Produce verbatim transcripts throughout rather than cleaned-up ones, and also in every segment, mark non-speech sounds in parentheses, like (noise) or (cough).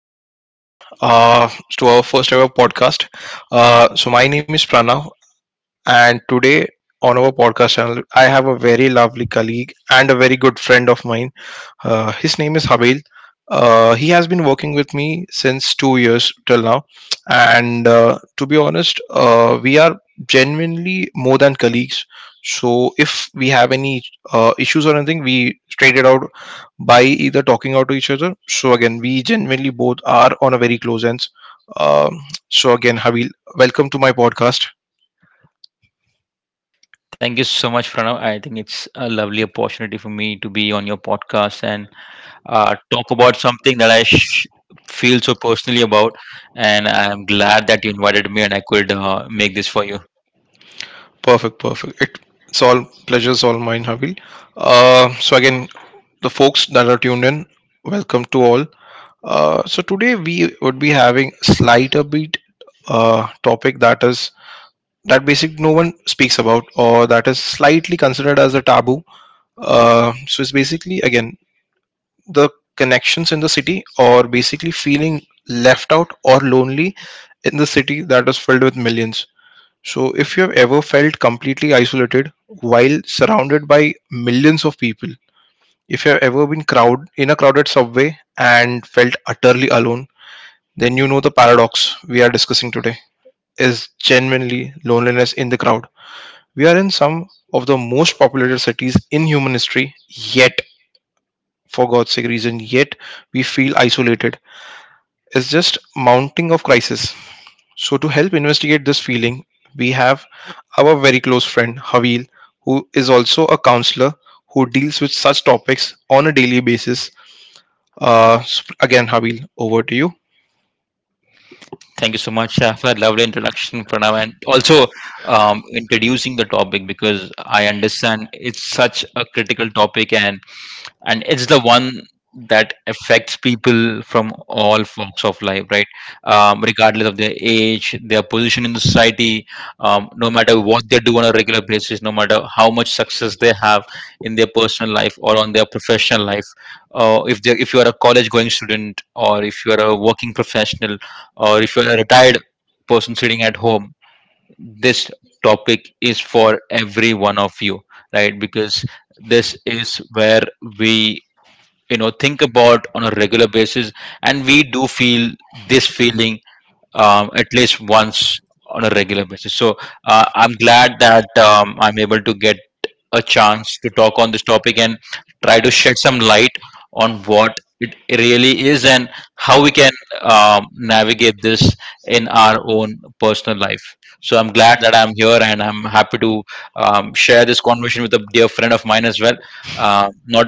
to everyone uh, to our first ever podcast. Uh, so my name is Pranav, and today on our podcast channel, I have a very lovely colleague and a very good friend of mine. Uh, his name is Habil. Uh, he has been working with me since two years till now, and uh, to be honest, uh, we are genuinely more than colleagues. So if we have any uh, issues or anything, we straight it out by either talking out to each other. So again, we genuinely both are on a very close ends. Um, so again, Habil, welcome to my podcast. Thank you so much, Pranav. I think it's a lovely opportunity for me to be on your podcast and uh, talk about something that I sh- feel so personally about. And I'm glad that you invited me and I could uh, make this for you. Perfect, perfect. It, it's all pleasures, all mine, Habil. Uh, so again, the folks that are tuned in, welcome to all. Uh, so today we would be having slight a bit uh, topic that is that basically no one speaks about or that is slightly considered as a taboo. Uh, so it's basically again the connections in the city or basically feeling left out or lonely in the city that is filled with millions. So if you have ever felt completely isolated while surrounded by millions of people, if you have ever been crowd in a crowded subway and felt utterly alone, then you know the paradox we are discussing today is genuinely loneliness in the crowd. We are in some of the most populated cities in human history, yet for God's sake reason, yet we feel isolated. It's just mounting of crisis. So to help investigate this feeling, we have our very close friend Havil, who is also a counselor who deals with such topics on a daily basis. Uh, sp- again, Habil, over to you. Thank you so much uh, for that lovely introduction, Pranav, and also um, introducing the topic, because I understand it's such a critical topic, and and it's the one that affects people from all walks of life, right? Um, regardless of their age, their position in the society, um, no matter what they do on a regular basis, no matter how much success they have in their personal life or on their professional life, uh, if they if you are a college going student, or if you are a working professional, or if you are a retired person sitting at home, this topic is for every one of you, right? Because this is where we, you know, think about on a regular basis, and we do feel this feeling, um, at least once on a regular basis. So uh, I'm glad that um, I'm able to get a chance to talk on this topic and try to shed some light on what it really is and how we can, um, navigate this in our own personal life. So I'm glad that I'm here and I'm happy to, um, share this conversation with a dear friend of mine as well. Uh, not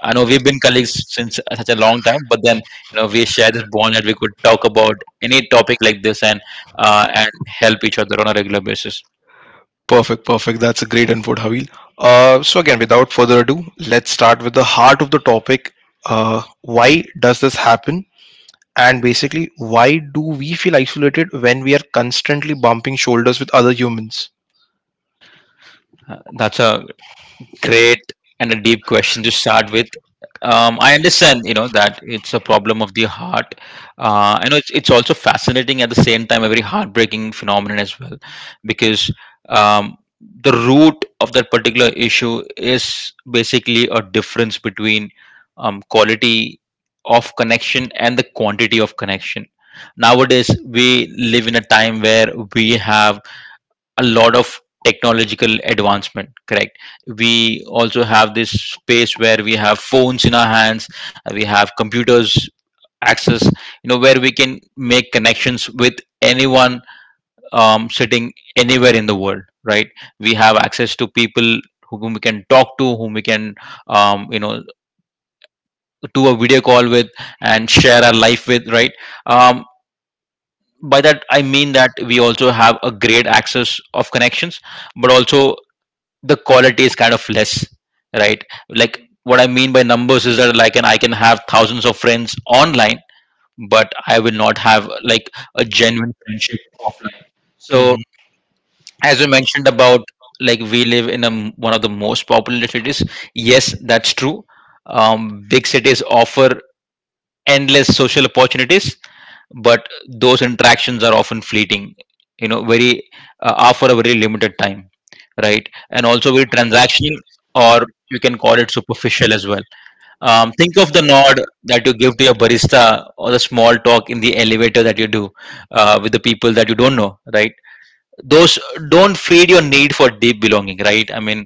I know we've been colleagues since such a long time, but then, you know, we share this bond that we could talk about any topic like this and uh, and help each other on a regular basis. Perfect, perfect. That's a great input, Habil. Uh, so again, without further ado, let's start with the heart of the topic. Uh, why does this happen? And basically, why do we feel isolated when we are constantly bumping shoulders with other humans? Uh, that's a great and a deep question to start with. Um, I understand, you know, that it's a problem of the heart. Uh, I know it's, it's also fascinating at the same time, a very heartbreaking phenomenon as well, because um, the root of that particular issue is basically a difference between, um, quality of connection and the quantity of connection. Nowadays, we live in a time where we have a lot of technological advancement, correct? We also have this space where we have phones in our hands. Uh, we have computers access, you know, where we can make connections with anyone, um, sitting anywhere in the world, right? We have access to people whom we can talk to, whom we can, um, you know, do a video call with and share our life with, right? um, by that I mean that we also have a great access of connections, but also the quality is kind of less, right? Like, what I mean by numbers is that, like, and I can have thousands of friends online, but I will not have like a genuine friendship offline. So, as you mentioned about, like, we live in a, m- one of the most populated cities, yes, that's true. Um, big cities offer endless social opportunities, but those interactions are often fleeting, you know, very, uh, are for a very limited time, right? And also very transactional, or you can call it superficial as well. Um, think of the nod that you give to your barista, or the small talk in the elevator that you do uh, with the people that you don't know, right? Those don't feed your need for deep belonging, right? I mean,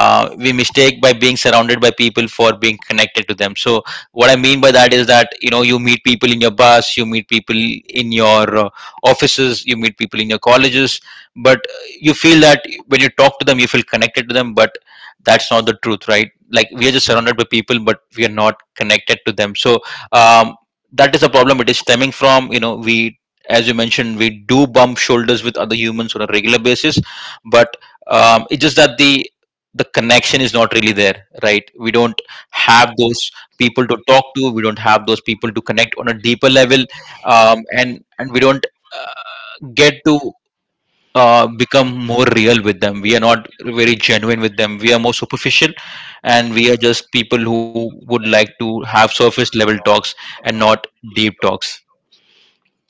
uh, we mistake by being surrounded by people for being connected to them. So what I mean by that is that, you know, you meet people in your bus, you meet people in your uh, offices, you meet people in your colleges, but uh, you feel that when you talk to them you feel connected to them, but that's not the truth, right? Like, we are just surrounded by people, but we are not connected to them. So, um, that is a problem. It is stemming from, you know, we, as you mentioned, we do bump shoulders with other humans on a regular basis, but um, it's just that the the connection is not really there, right? We don't have those people to talk to, we don't have those people to connect on a deeper level, um, and and we don't uh, get to uh, become more real with them. We are not very genuine with them, we are more superficial, and we are just people who would like to have surface level talks and not deep talks.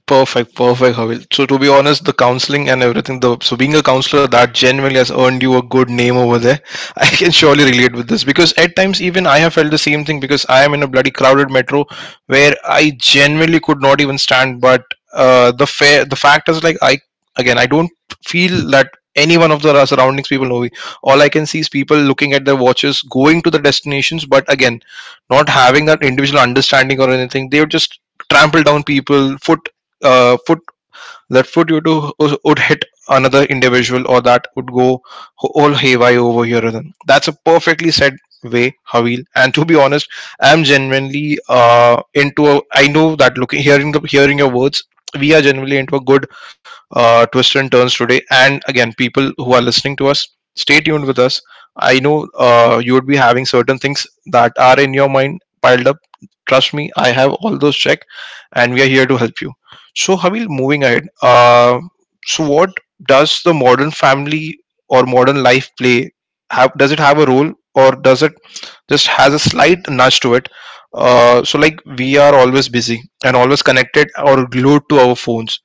Perfect, perfect, Havil. So to be honest, the counseling and everything, the so being a counselor that genuinely has earned you a good name over there. (laughs) I can surely relate with this because at times even I have felt the same thing because I am in a bloody crowded metro where I genuinely could not even stand. But uh, the fair, the fact is, like, I, again, I don't feel that any one of the surroundings people know me. All I can see is people looking at their watches, going to the destinations, but again, not having that individual understanding or anything. They would just trample down people, foot uh, foot that foot you do uh, would hit another individual, or that would go all haywire over here. Then that's a perfectly said way, Havil. And to be honest, I'm genuinely uh into a, I know that looking hearing the hearing your words, we are genuinely into a good uh, twists and turns today. And again, people who are listening to us, stay tuned with us. I know uh, you would be having certain things that are in your mind piled up. Trust me, I have all those checked, and we are here to help you. So, Havil, moving ahead, uh, so what does the modern family or modern life play? Have, does it have a role, or does it just has a slight nudge to it? Uh, so, like, we are always busy and always connected or glued to our phones,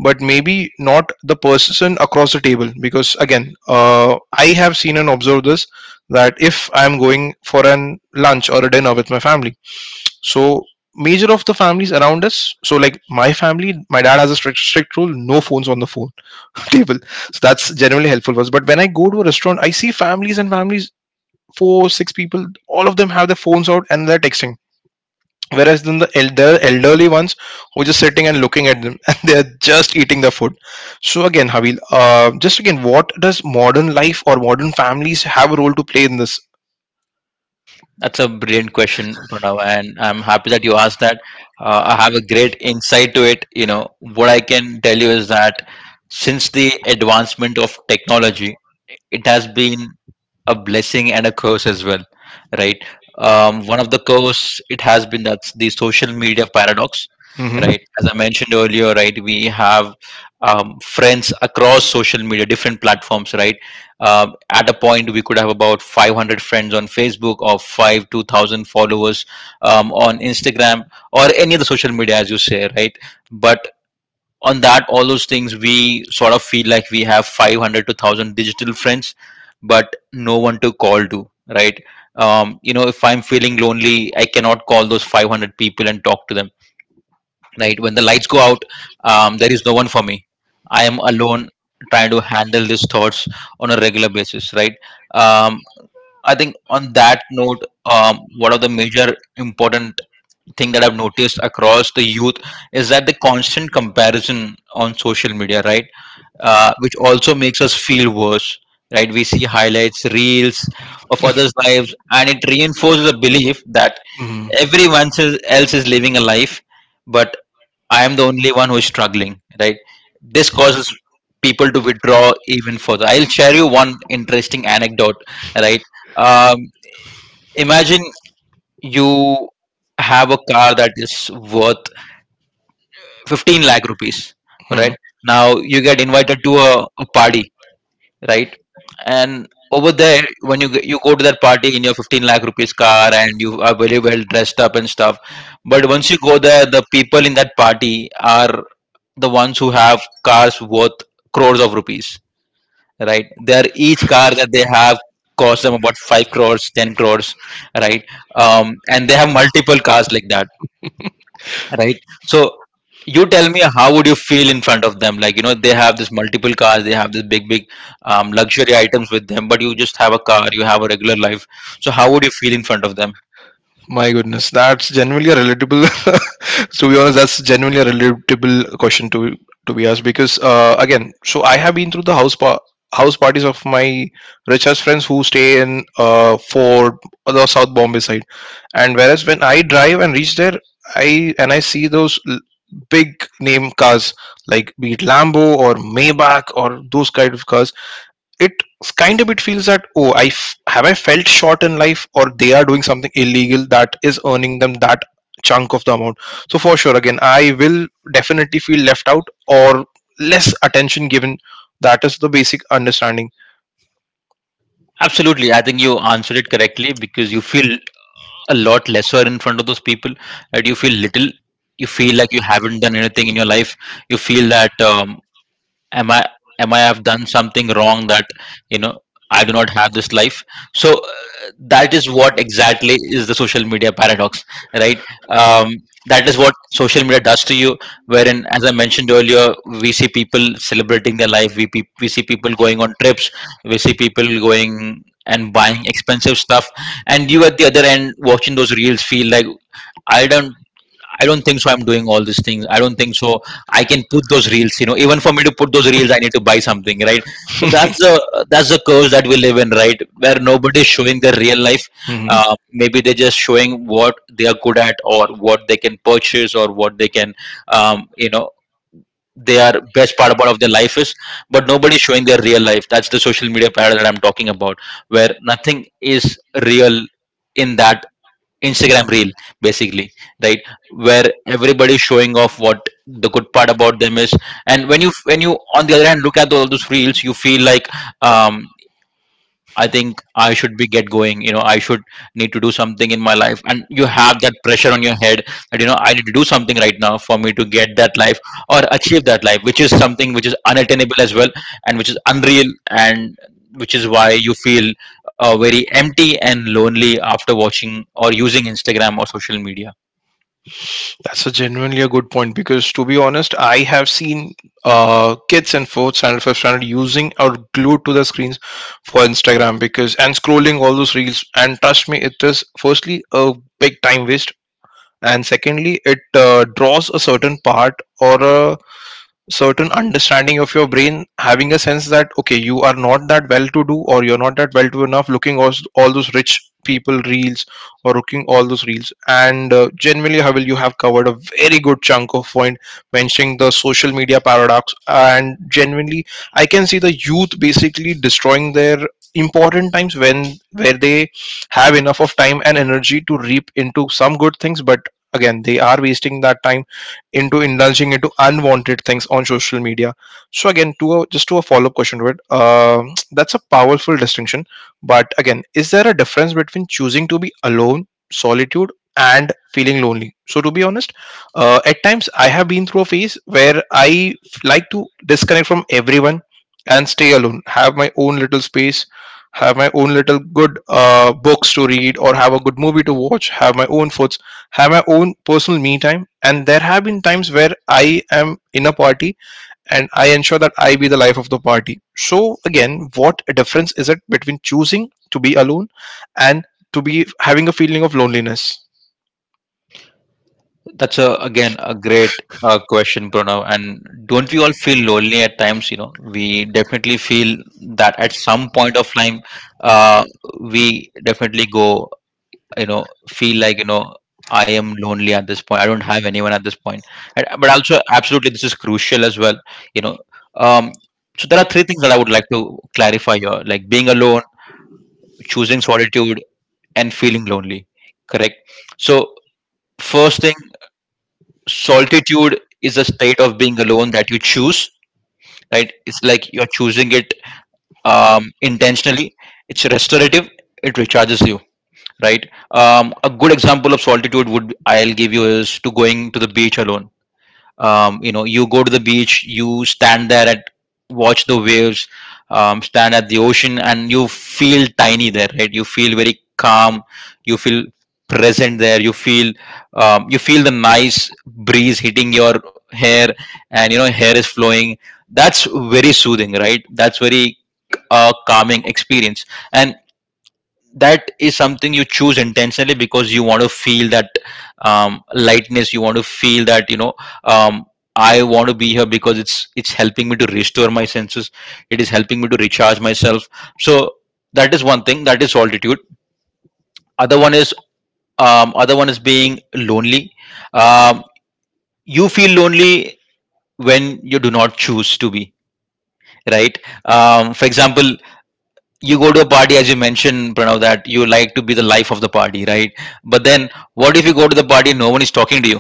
but maybe not the person across the table. Because again, uh, I have seen and observed this, that if I'm going for an lunch or a dinner with my family, so major of the families around us, so like my family, my dad has a strict, strict rule: no phones on the phone (laughs) table. So that's generally helpful for us. But when I go to a restaurant, I see families and families, four six people, all of them have their phones out and they're texting, whereas then the elder elderly ones who are just sitting and looking at them (laughs) and they are just eating the food. So again, Havil, uh, just again, what does modern life or modern families have a role to play in this? That's a brilliant question, Pranav, and I'm happy that you asked that. Uh, I have a great insight to it. You know, what I can tell you is that since the advancement of technology, it has been a blessing and a curse as well, right? Um, one of the curse it has been, that's the social media paradox, Mm-hmm. right? As I mentioned earlier, right, we have, um, friends across social media different platforms, right? Um, at a point we could have about five hundred friends on Facebook, or five two thousand followers um, on Instagram or any other social media, as you say, right? But on that, all those things, we sort of feel like we have five hundred to one thousand digital friends, but no one to call to, right? Um, you know, if I'm feeling lonely, I cannot call those five hundred people and talk to them, right? When the lights go out, um, there is no one for me. I am alone, trying to handle these thoughts on a regular basis, right? um, I think on that note, um, one of the major important thing that I've noticed across the youth is that the constant comparison on social media, right? Uh, which also makes us feel worse, right? We see highlights, reels of others' lives, and it reinforces the belief that everyone else else is living a life, but I am the only one who is struggling, right? This causes people to withdraw even further. I'll share you one interesting anecdote, right? Um, Imagine you have a car that is worth fifteen lakh rupees, Mm-hmm. right? Now you get invited to a, a party, right? And over there, when you g- you go to that party in your fifteen lakh rupees car, and you are very well dressed up and stuff, but once you go there, the people in that party are the ones who have cars worth crores of rupees, right? Their each car that they have costs them about five crores, ten crores, right? Um, and they have multiple cars like that, right? So, you tell me, how would you feel in front of them? Like, you know, they have this multiple cars, they have this big big, um, luxury items with them, but you just have a car, you have a regular life. So how would you feel in front of them? My goodness, that's genuinely a relatable. (laughs) To be honest, that's genuinely a relatable question to to be asked. Because uh, again, so I have been through the house pa- house parties of my richest friends who stay in uh, Fort or the South Bombay side, and whereas when I drive and reach there, I and I see those l- big name cars, like be it Lambo or Maybach or those kind of cars. It kind of it feels that, oh, I f- have I felt short in life, or they are doing something illegal that is earning them that chunk of the amount. So for sure, again, I will definitely feel left out or less attention given. That is the basic understanding. Absolutely, I think you answered it correctly, because you feel a lot lesser in front of those people, and you feel little, you feel like you haven't done anything in your life. You feel that, um, am i am I have done something wrong that, you know, I do not have this life. So uh, that is what exactly is the social media paradox, right? um, that is what social media does to you, wherein, as I mentioned earlier, we see people celebrating their life, we, pe- we see people going on trips, we see people going and buying expensive stuff, and you at the other end watching those reels feel like i don't I don't think so. I'm doing all these things. I don't think so I can put those reels. You know, even for me to put those reels, I need to buy something, right? So that's the that's the curse that we live in, right? Where nobody's showing their real life. Mhm. Uh, maybe they're just showing what they are good at, or what they can purchase, or what they can, um, you know, their best part about of their life is, but nobody's showing their real life. That's the social media parallel that I'm talking about, where nothing is real in that Instagram reel, basically, right? Where everybody is showing off what the good part about them is, and when you when you on the other hand look at all those reels, you feel like, um, I think I should be get going. You know, I should need to do something in my life, and you have that pressure on your head that, you know, I need to do something right now for me to get that life or achieve that life, which is something which is unattainable as well, and which is unreal, and which is why you feel uh, very empty and lonely after watching or using Instagram or social media. That's a genuinely a good point, because, to be honest, I have seen uh, kids in fourth standard, fifth standard using or glued to the screens for Instagram because and scrolling all those reels. And trust me, it is firstly a big time waste, and secondly, it uh, draws a certain part or a certain understanding of your brain, having a sense that okay, you are not that well to do, or you're not that well to enough, looking all, all those rich people reels or looking all those reels. And uh, generally, Havel, you have covered a very good chunk of point mentioning the social media paradox, and genuinely I can see the youth basically destroying their important times when where they have enough of time and energy to reap into some good things, but again they are wasting that time into indulging into unwanted things on social media. So again, to a, just to a follow-up question to it, uh, that's a powerful distinction. But again, is there a difference between choosing to be alone, solitude, and feeling lonely? So to be honest, uh, at times I have been through a phase where i f- like to disconnect from everyone and stay alone, have my own little space, have my own little good uh, books to read, or have a good movie to watch, have my own food, have my own personal me time. And there have been times where I am in a party and I ensure that I be the life of the party. So again, what a difference is it between choosing to be alone and to be having a feeling of loneliness? That's a, again a great uh, question, Pranav. And don't we all feel lonely at times? You know, we definitely feel that at some point of time, uh, we definitely go, you know, feel like you know I am lonely at this point. I don't have anyone at this point. And, but also, absolutely, this is crucial as well. You know, um, so there are three things that I would like to clarify here: like being alone, choosing solitude, and feeling lonely. Correct. So first thing, solitude is a state of being alone that you choose, right? It's like you're choosing it, um, intentionally. It's restorative, it recharges you, right? um, a good example of solitude would I'll give you is to going to the beach alone. um, you know you go to the beach, you stand there and watch the waves. um, stand at the ocean and you feel tiny there, right? You feel very calm, you feel present there, you feel um, you feel the nice breeze hitting your hair, and you know hair is flowing. That's very soothing, right? that's very a calming experience. And that is something you choose intentionally because you want to feel that um, lightness. You want to feel that, you know um, I want to be here because it's it's helping me to restore my senses. It is helping me to recharge myself. So that is one thing, that is solitude. Other one is um, other one is being lonely. um, you feel lonely when you do not choose to be, right? um, for example, you go to a party, as you mentioned, Pranav, that you like to be the life of the party, right? But then what if you go to the party and no one is talking to you?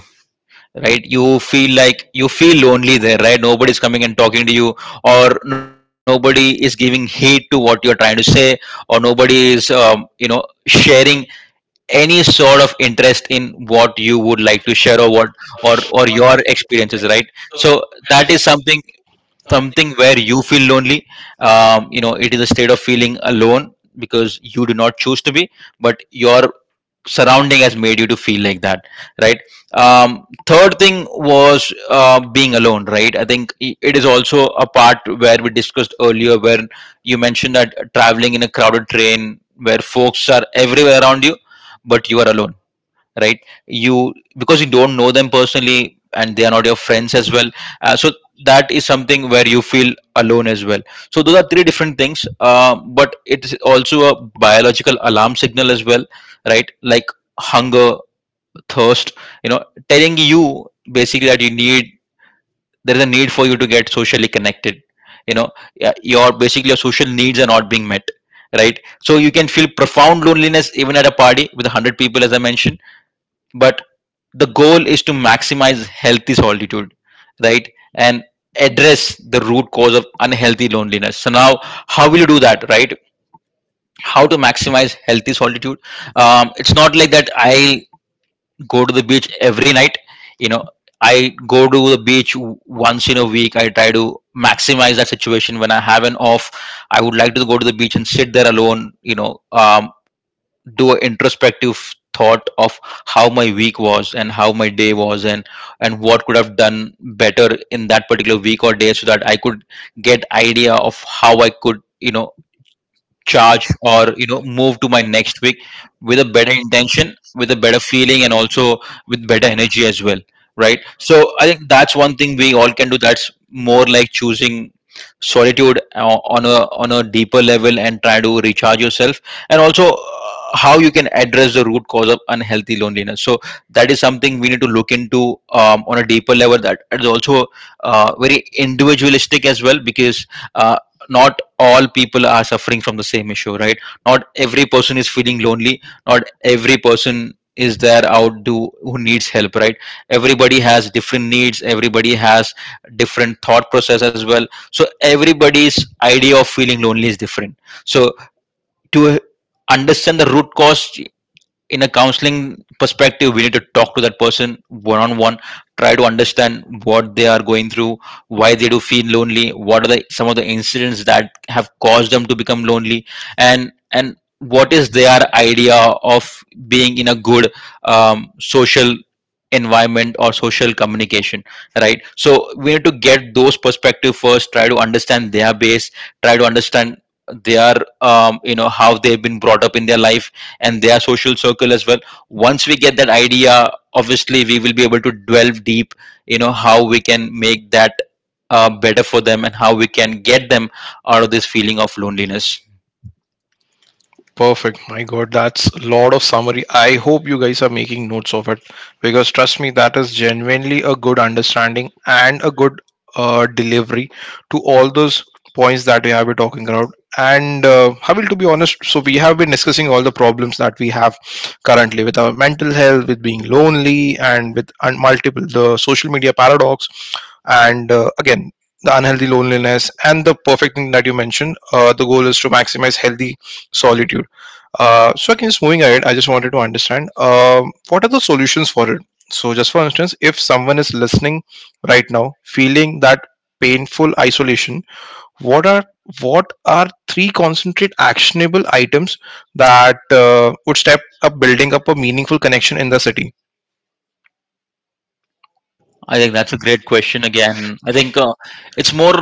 Right, you feel like, you feel lonely there, right? Nobody's coming and talking to you, or nobody is giving heed to what you're trying to say, or nobody is um, you know sharing any sort of interest in what you would like to share, or what, or or your experiences, right? So that is something something where you feel lonely. um, you know it is a state of feeling alone because you do not choose to be, but your surrounding has made you to feel like that, right? um, third thing was, uh, being alone, right? I think, i- it is also a part where we discussed earlier, where you mentioned that traveling in a crowded train, where folks are everywhere around you, but you are alone, right? You, because you don't know them personally, and they are not your friends as well. Uh, so that is something where you feel alone as well. So those are three different things, uh, but it is also a biological alarm signal as well, right? Like hunger, thirst, you know telling you basically that you need, there is a need for you to get socially connected you know yeah, your, basically your social needs are not being met, right? So you can feel profound loneliness even at a party with a hundred people, as I mentioned, but the goal is to maximize healthy solitude, right? And address the root cause of unhealthy loneliness. So now, how will you do that, right? How to maximize healthy solitude? um, it's not like that I go to the beach every night you know I go to the beach, w- once in a week. I try to maximize that situation when I have an off. I would like to go to the beach and sit there alone you know um, Do an introspective thought of how my week was and how my day was, and and what could have done better in that particular week or day, so that I could get idea of how I could, you know charge, or you know move to my next week with a better intention, with a better feeling, and also with better energy as well, right? So I think that's one thing we all can do. That's more like choosing solitude, uh, on a on a deeper level, and try to recharge yourself. And also, uh, how you can address the root cause of unhealthy loneliness. So that is something we need to look into, um, on a deeper level. That is also uh, very individualistic as well, because uh, not all people are suffering from the same issue, right? Not every person is feeling lonely, not every person is there out do who needs help, right? Everybody has different needs, everybody has different thought process as well. So everybody's idea of feeling lonely is different. So to understand the root cause in a counseling perspective, we need to talk to that person one on one, try to understand what they are going through, why they do feel lonely, what are the some of the incidents that have caused them to become lonely, and and what is their idea of being in a good, um, social environment or social communication, right? So we need to get those perspective first, try to understand their base, try to understand their um, you know how they've been brought up in their life, and their social circle as well. Once we get that idea, obviously we will be able to delve deep, you know how we can make that uh, better for them and how we can get them out of this feeling of loneliness. Perfect. My God, that's a lot of summary. I hope you guys are making notes of it, because trust me, that is genuinely a good understanding and a good uh, delivery to all those points that we have been talking about. And uh, Habil, to be honest, so we have been discussing all the problems that we have currently with our mental health, with being lonely, and with un- multiple the social media paradox, and uh, again, the unhealthy loneliness and the perfect thing that you mentioned. Uh, the goal is to maximize healthy solitude. Uh, so again, just moving ahead, I just wanted to understand um, what are the solutions for it. So just for instance, if someone is listening right now, feeling that painful isolation, what are what are three concentrate actionable items that uh, would step up building up a meaningful connection in the city? I think that's a great question again. I think, uh, it's more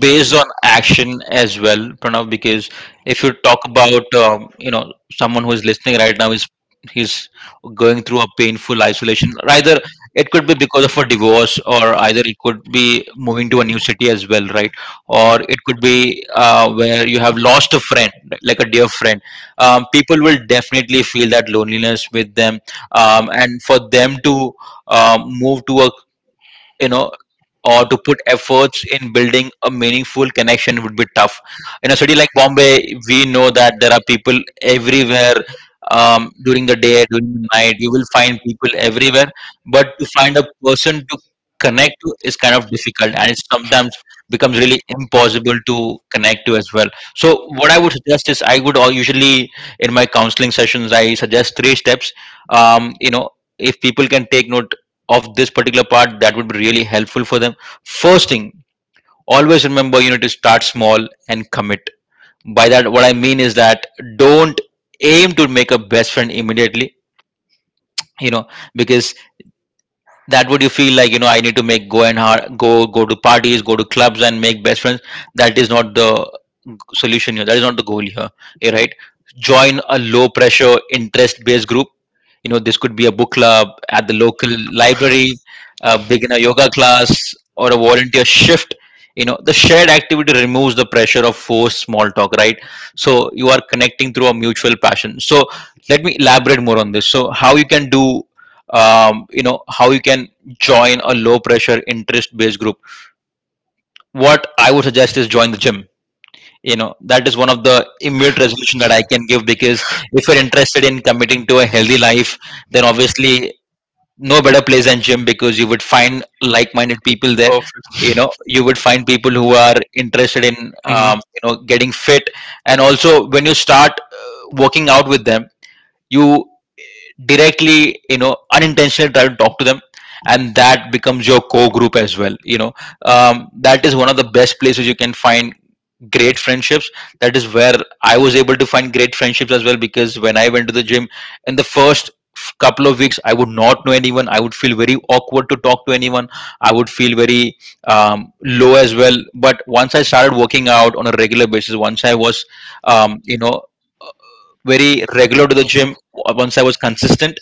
based on action as well, Pranav, because if you talk about, um, you know someone who is listening right now is he's going through a painful isolation. Either it could be because of a divorce, or either it could be moving to a new city as well, right? Or it could be, uh, where you have lost a friend, like a dear friend. Um, people will definitely feel that loneliness with them, um, and for them to, um, move to a, you know or to put efforts in building a meaningful connection would be tough. In a city like Bombay, we know that there are people everywhere, um, during the day, during the night. You will find people everywhere, but to find a person to connect to is kind of difficult, and it sometimes becomes really impossible to connect to as well. So, what I would suggest is, I would all usually, in my counseling sessions, I suggest three steps. Um, you know, if people can take note of this particular part, that would be really helpful for them. First thing, always remember you need to start small and commit. By that, what I mean is that, don't aim to make a best friend immediately. You know, because that would, you feel like, you know I need to make, go and hard, go go to parties, go to clubs, and make best friends. That is not the solution here, that is not the goal here, eh, right. Join a low pressure interest based group. you know this could be a book club at the local library, a beginner yoga class, or a volunteer shift. you know the shared activity removes the pressure of forced small talk, right? So you are connecting through a mutual passion. So let me elaborate more on this, so how you can do, um, you know how you can join a low pressure interest based group. What I would suggest is, join the gym you know That is one of the immediate resolution that I can give, because if you're interested in committing to a healthy life, then obviously, no better place than gym, because you would find like-minded people there. Perfect. you know you would find people who are interested in, Mhm. um, you know getting fit, and also when you start, uh, working out with them, you directly, you know unintentionally try to talk to them, and that becomes your core group as well. you know um, that is one of the best places you can find great friendships. That is where I was able to find great friendships as well, because when I went to the gym, in the first f- couple of weeks, I would not know anyone. I would feel very awkward to talk to anyone. I would feel very, um, low as well. But once I started working out on a regular basis, once I was, um, you know uh, very regular to the gym, once I was consistent,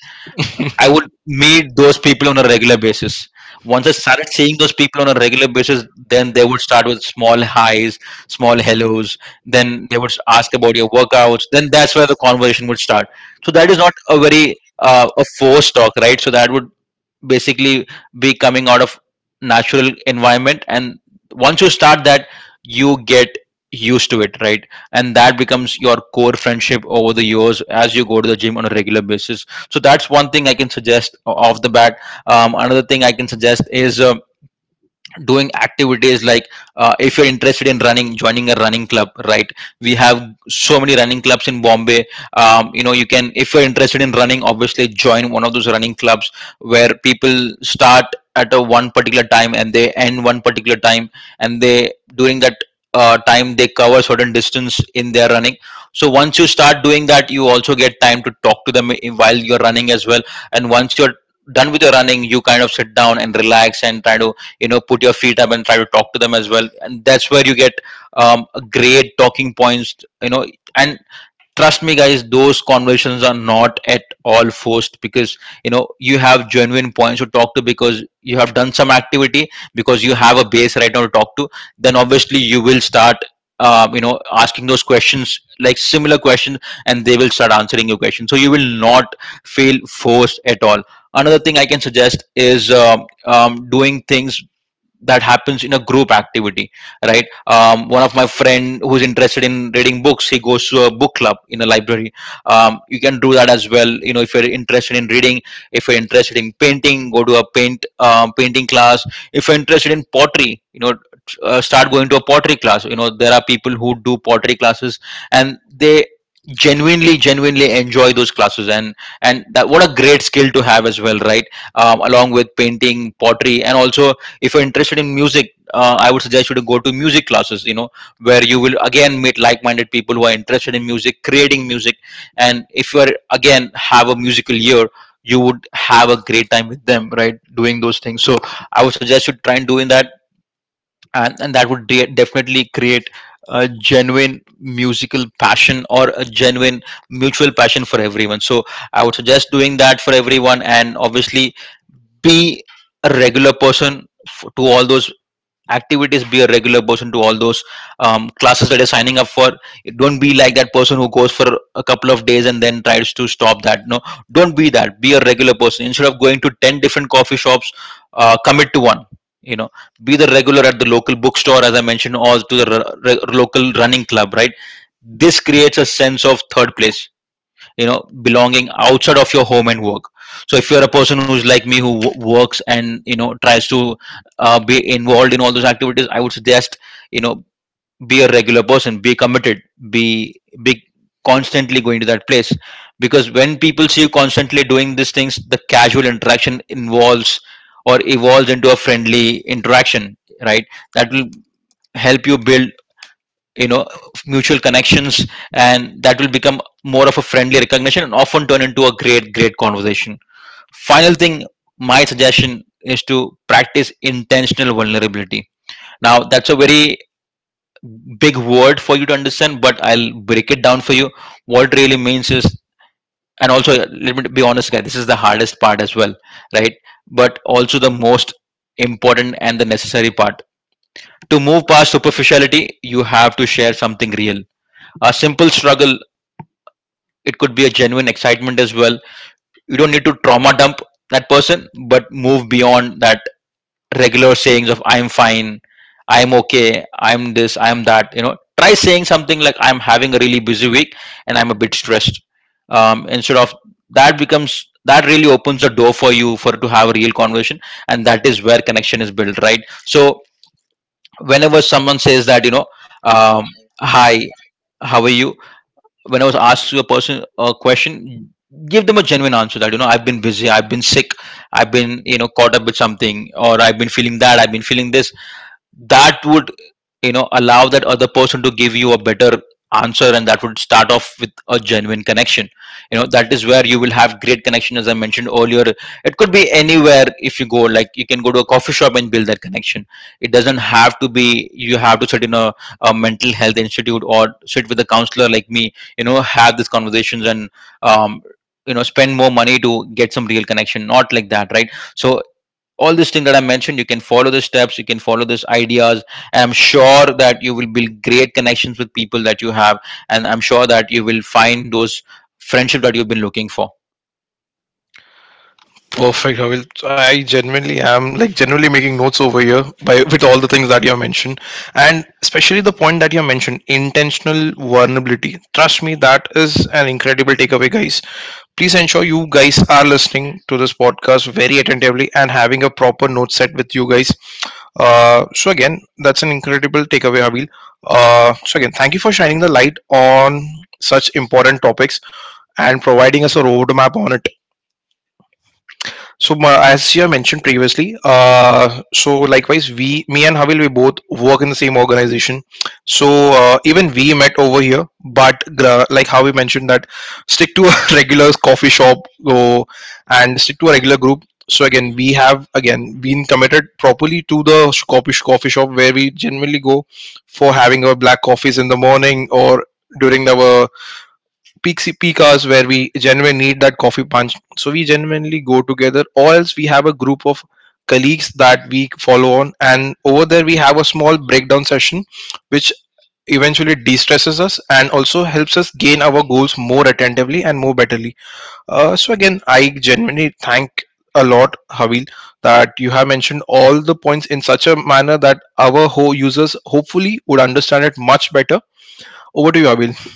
I would meet those people on a regular basis. Once I started seeing those people on a regular basis, then they would start with small highs, small hellos. Then they would ask about your workouts. Then that's where the conversation would start. So that is not a very uh, a forced talk, right? So that would basically be coming out of natural environment, and once you start that, you get used to it, right? And that becomes your core friendship over the years as you go to the gym on a regular basis. So that's one thing I can suggest o- off the bat. Um, another thing I can suggest is um, doing activities like, uh, if you're interested in running, joining a running club, right? We have so many running clubs in Bombay. Um, you know, you can, if you're interested in running, obviously join one of those running clubs where people start at a one particular time and they end one particular time, and they, during that uh, time, they cover certain distance in their running. So once you start doing that, you also get time to talk to them, i- while you're running as well. And once you're done with your running, you kind of sit down and relax and try to, you know, put your feet up and try to talk to them as well. And that's where you get um, great talking points, you know. And trust me guys, those conversations are not at all forced, because you know, you have genuine points to talk to because you have done some activity, because you have a base right now to talk to. Then obviously you will start um, you know, asking those questions, like similar questions, and they will start answering your question, so you will not feel forced at all. Another thing I can suggest is um, um, doing things that happens in a group activity, right? Um, one of my friend who's interested in reading books, he goes to a book club in a library. Um, you can do that as well, you know, if you're interested in reading. If you're interested in painting, go to a paint um, painting class. If you're interested in pottery, you know, tr- uh, start going to a pottery class. You know, there are people who do pottery classes, and they genuinely genuinely enjoy those classes. and and that what a great skill to have as well, right? Um, along with painting, pottery, and also, if you're interested in music, uh, I would suggest you to go to music classes, you know, where you will again meet like-minded people who are interested in music, creating music. And if you are again have a musical year, you would have a great time with them, right, doing those things. So I would suggest you try and doing that, and, and that would de- definitely create a genuine musical passion or a genuine mutual passion for everyone. So I would suggest doing that for everyone, and obviously be a regular person f- to all those activities. Be a regular person to all those um, classes that you're signing up for. Don't be like that person who goes for a couple of days and then tries to stop that. No, don't be that. Be a regular person. Instead of going to ten different coffee shops, uh, commit to one, you know. Be the regular at the local bookstore as I mentioned, or to the r- r- local running club, right? This creates a sense of third place, you know, belonging outside of your home and work. So if you're a person who's like me, who w- works, and you know, tries to uh, be involved in all those activities, I would suggest, you know, be a regular person, be committed, be be constantly going to that place. Because when people see you constantly doing these things, the casual interaction involves, or evolves into a friendly interaction, right? That will help you build, you know, mutual connections, and that will become more of a friendly recognition and often turn into a great great conversation. Final thing, my suggestion is to practice intentional vulnerability. Now that's a very big word for you to understand, but I'll break it down for you. What it really means is, and also let me be honest guys, this is the hardest part as well, right, but also the most important and the necessary part. To move past superficiality, you have to share something real. A simple struggle, it could be a genuine excitement as well. You don't need to trauma dump that person, but move beyond that regular sayings of I'm fine, I'm okay, I'm this, I'm that. You know, try saying something like, I'm having a really busy week and I'm a bit stressed, um, instead of, that becomes, that really opens the door for you for to have a real conversation. And that is where connection is built, right? So whenever someone says that, you know, um, hi, how are you, when I was asked you a person a question, give them a genuine answer that, you know, I've been busy, I've been sick, I've been, you know, caught up with something, or I've been feeling that, I've been feeling this. That would, you know, allow that other person to give you a better answer, and that would start off with a genuine connection. You know, that is where you will have great connection, as I mentioned earlier. It could be anywhere. If you go, like, you can go to a coffee shop and build that connection. It doesn't have to be you have to sit in a, a mental health institute, or sit with a counselor like me, you know, have these conversations and um, you know, spend more money to get some real connection. Not like that, right? So all these things that I mentioned, you can follow the steps, you can follow these ideas, and I'm sure that you will build great connections with people that you have, and I'm sure that you will find those friendship that you've been looking for. Perfect. I I genuinely am, like, genuinely making notes over here by with all the things that you have mentioned, and especially the point that you have mentioned: intentional vulnerability. Trust me, that is an incredible takeaway, guys. Please ensure you guys are listening to this podcast very attentively and having a proper note set with you guys. Uh, so again, that's an incredible takeaway, Abil. Uh, so again, thank you for shining the light on such important topics and providing us a roadmap on it. So, ma- as you have mentioned previously, uh, so likewise, we, me and Havil, we both work in the same organization. So uh, even we met over here, but gra- like how we mentioned that, stick to a (laughs) regular coffee shop, go and stick to a regular group. So again, we have again been committed properly to the sh- coffee sh- coffee shop where we generally go for having our black coffees in the morning, or during our peak peak hours where we genuinely need that coffee punch. So we genuinely go together, or else we have a group of colleagues that we follow on, and over there we have a small breakdown session, which eventually de-stresses us and also helps us gain our goals more attentively and more betterly. Uh, so again, I genuinely thank a lot, Havil, that you have mentioned all the points in such a manner that our ho- users hopefully would understand it much better. Over to you, Havil.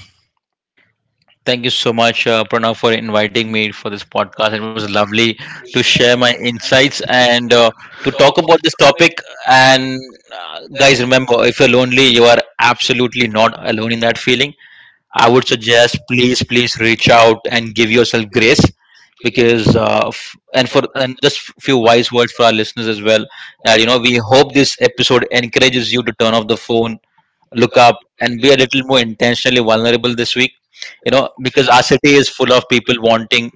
Thank you so much, uh, Pranav, for inviting me for this podcast. It was lovely to share my insights, and uh, to talk about this topic. And uh, guys, remember, if you're lonely, you are absolutely not alone in that feeling. I would suggest, please, please reach out and give yourself grace. Because uh, f- and for and just few wise words for our listeners as well, that you know, we hope this episode encourages you to turn off the phone, look up, and be a little more intentionally vulnerable this week. You know, because our city is full of people wanting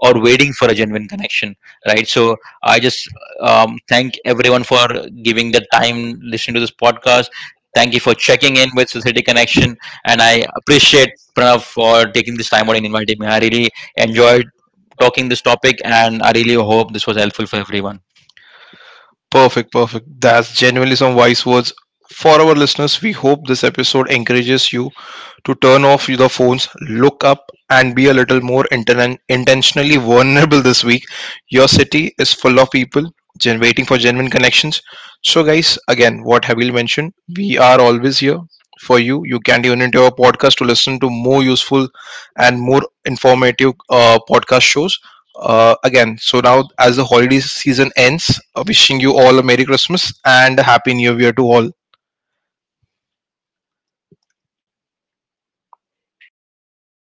or waiting for a genuine connection, right? So I just, um, thank everyone for giving their time listening to this podcast. Thank you for checking in with Society Connection. And I appreciate Pranav for taking this time out and inviting me. I really enjoyed talking this topic, and I really hope this was helpful for everyone. Perfect, perfect. That's genuinely some wise words for our listeners. We hope this episode encourages you to turn off the phones, look up, and be a little more inten- intentionally vulnerable this week. Your city is full of people gen- waiting for genuine connections. So, guys, again, what Habil mentioned, we are always here for you. You can tune into our podcast to listen to more useful and more informative uh, podcast shows. Uh, again, so now as the holiday season ends, uh, wishing you all a Merry Christmas and a Happy New Year to all.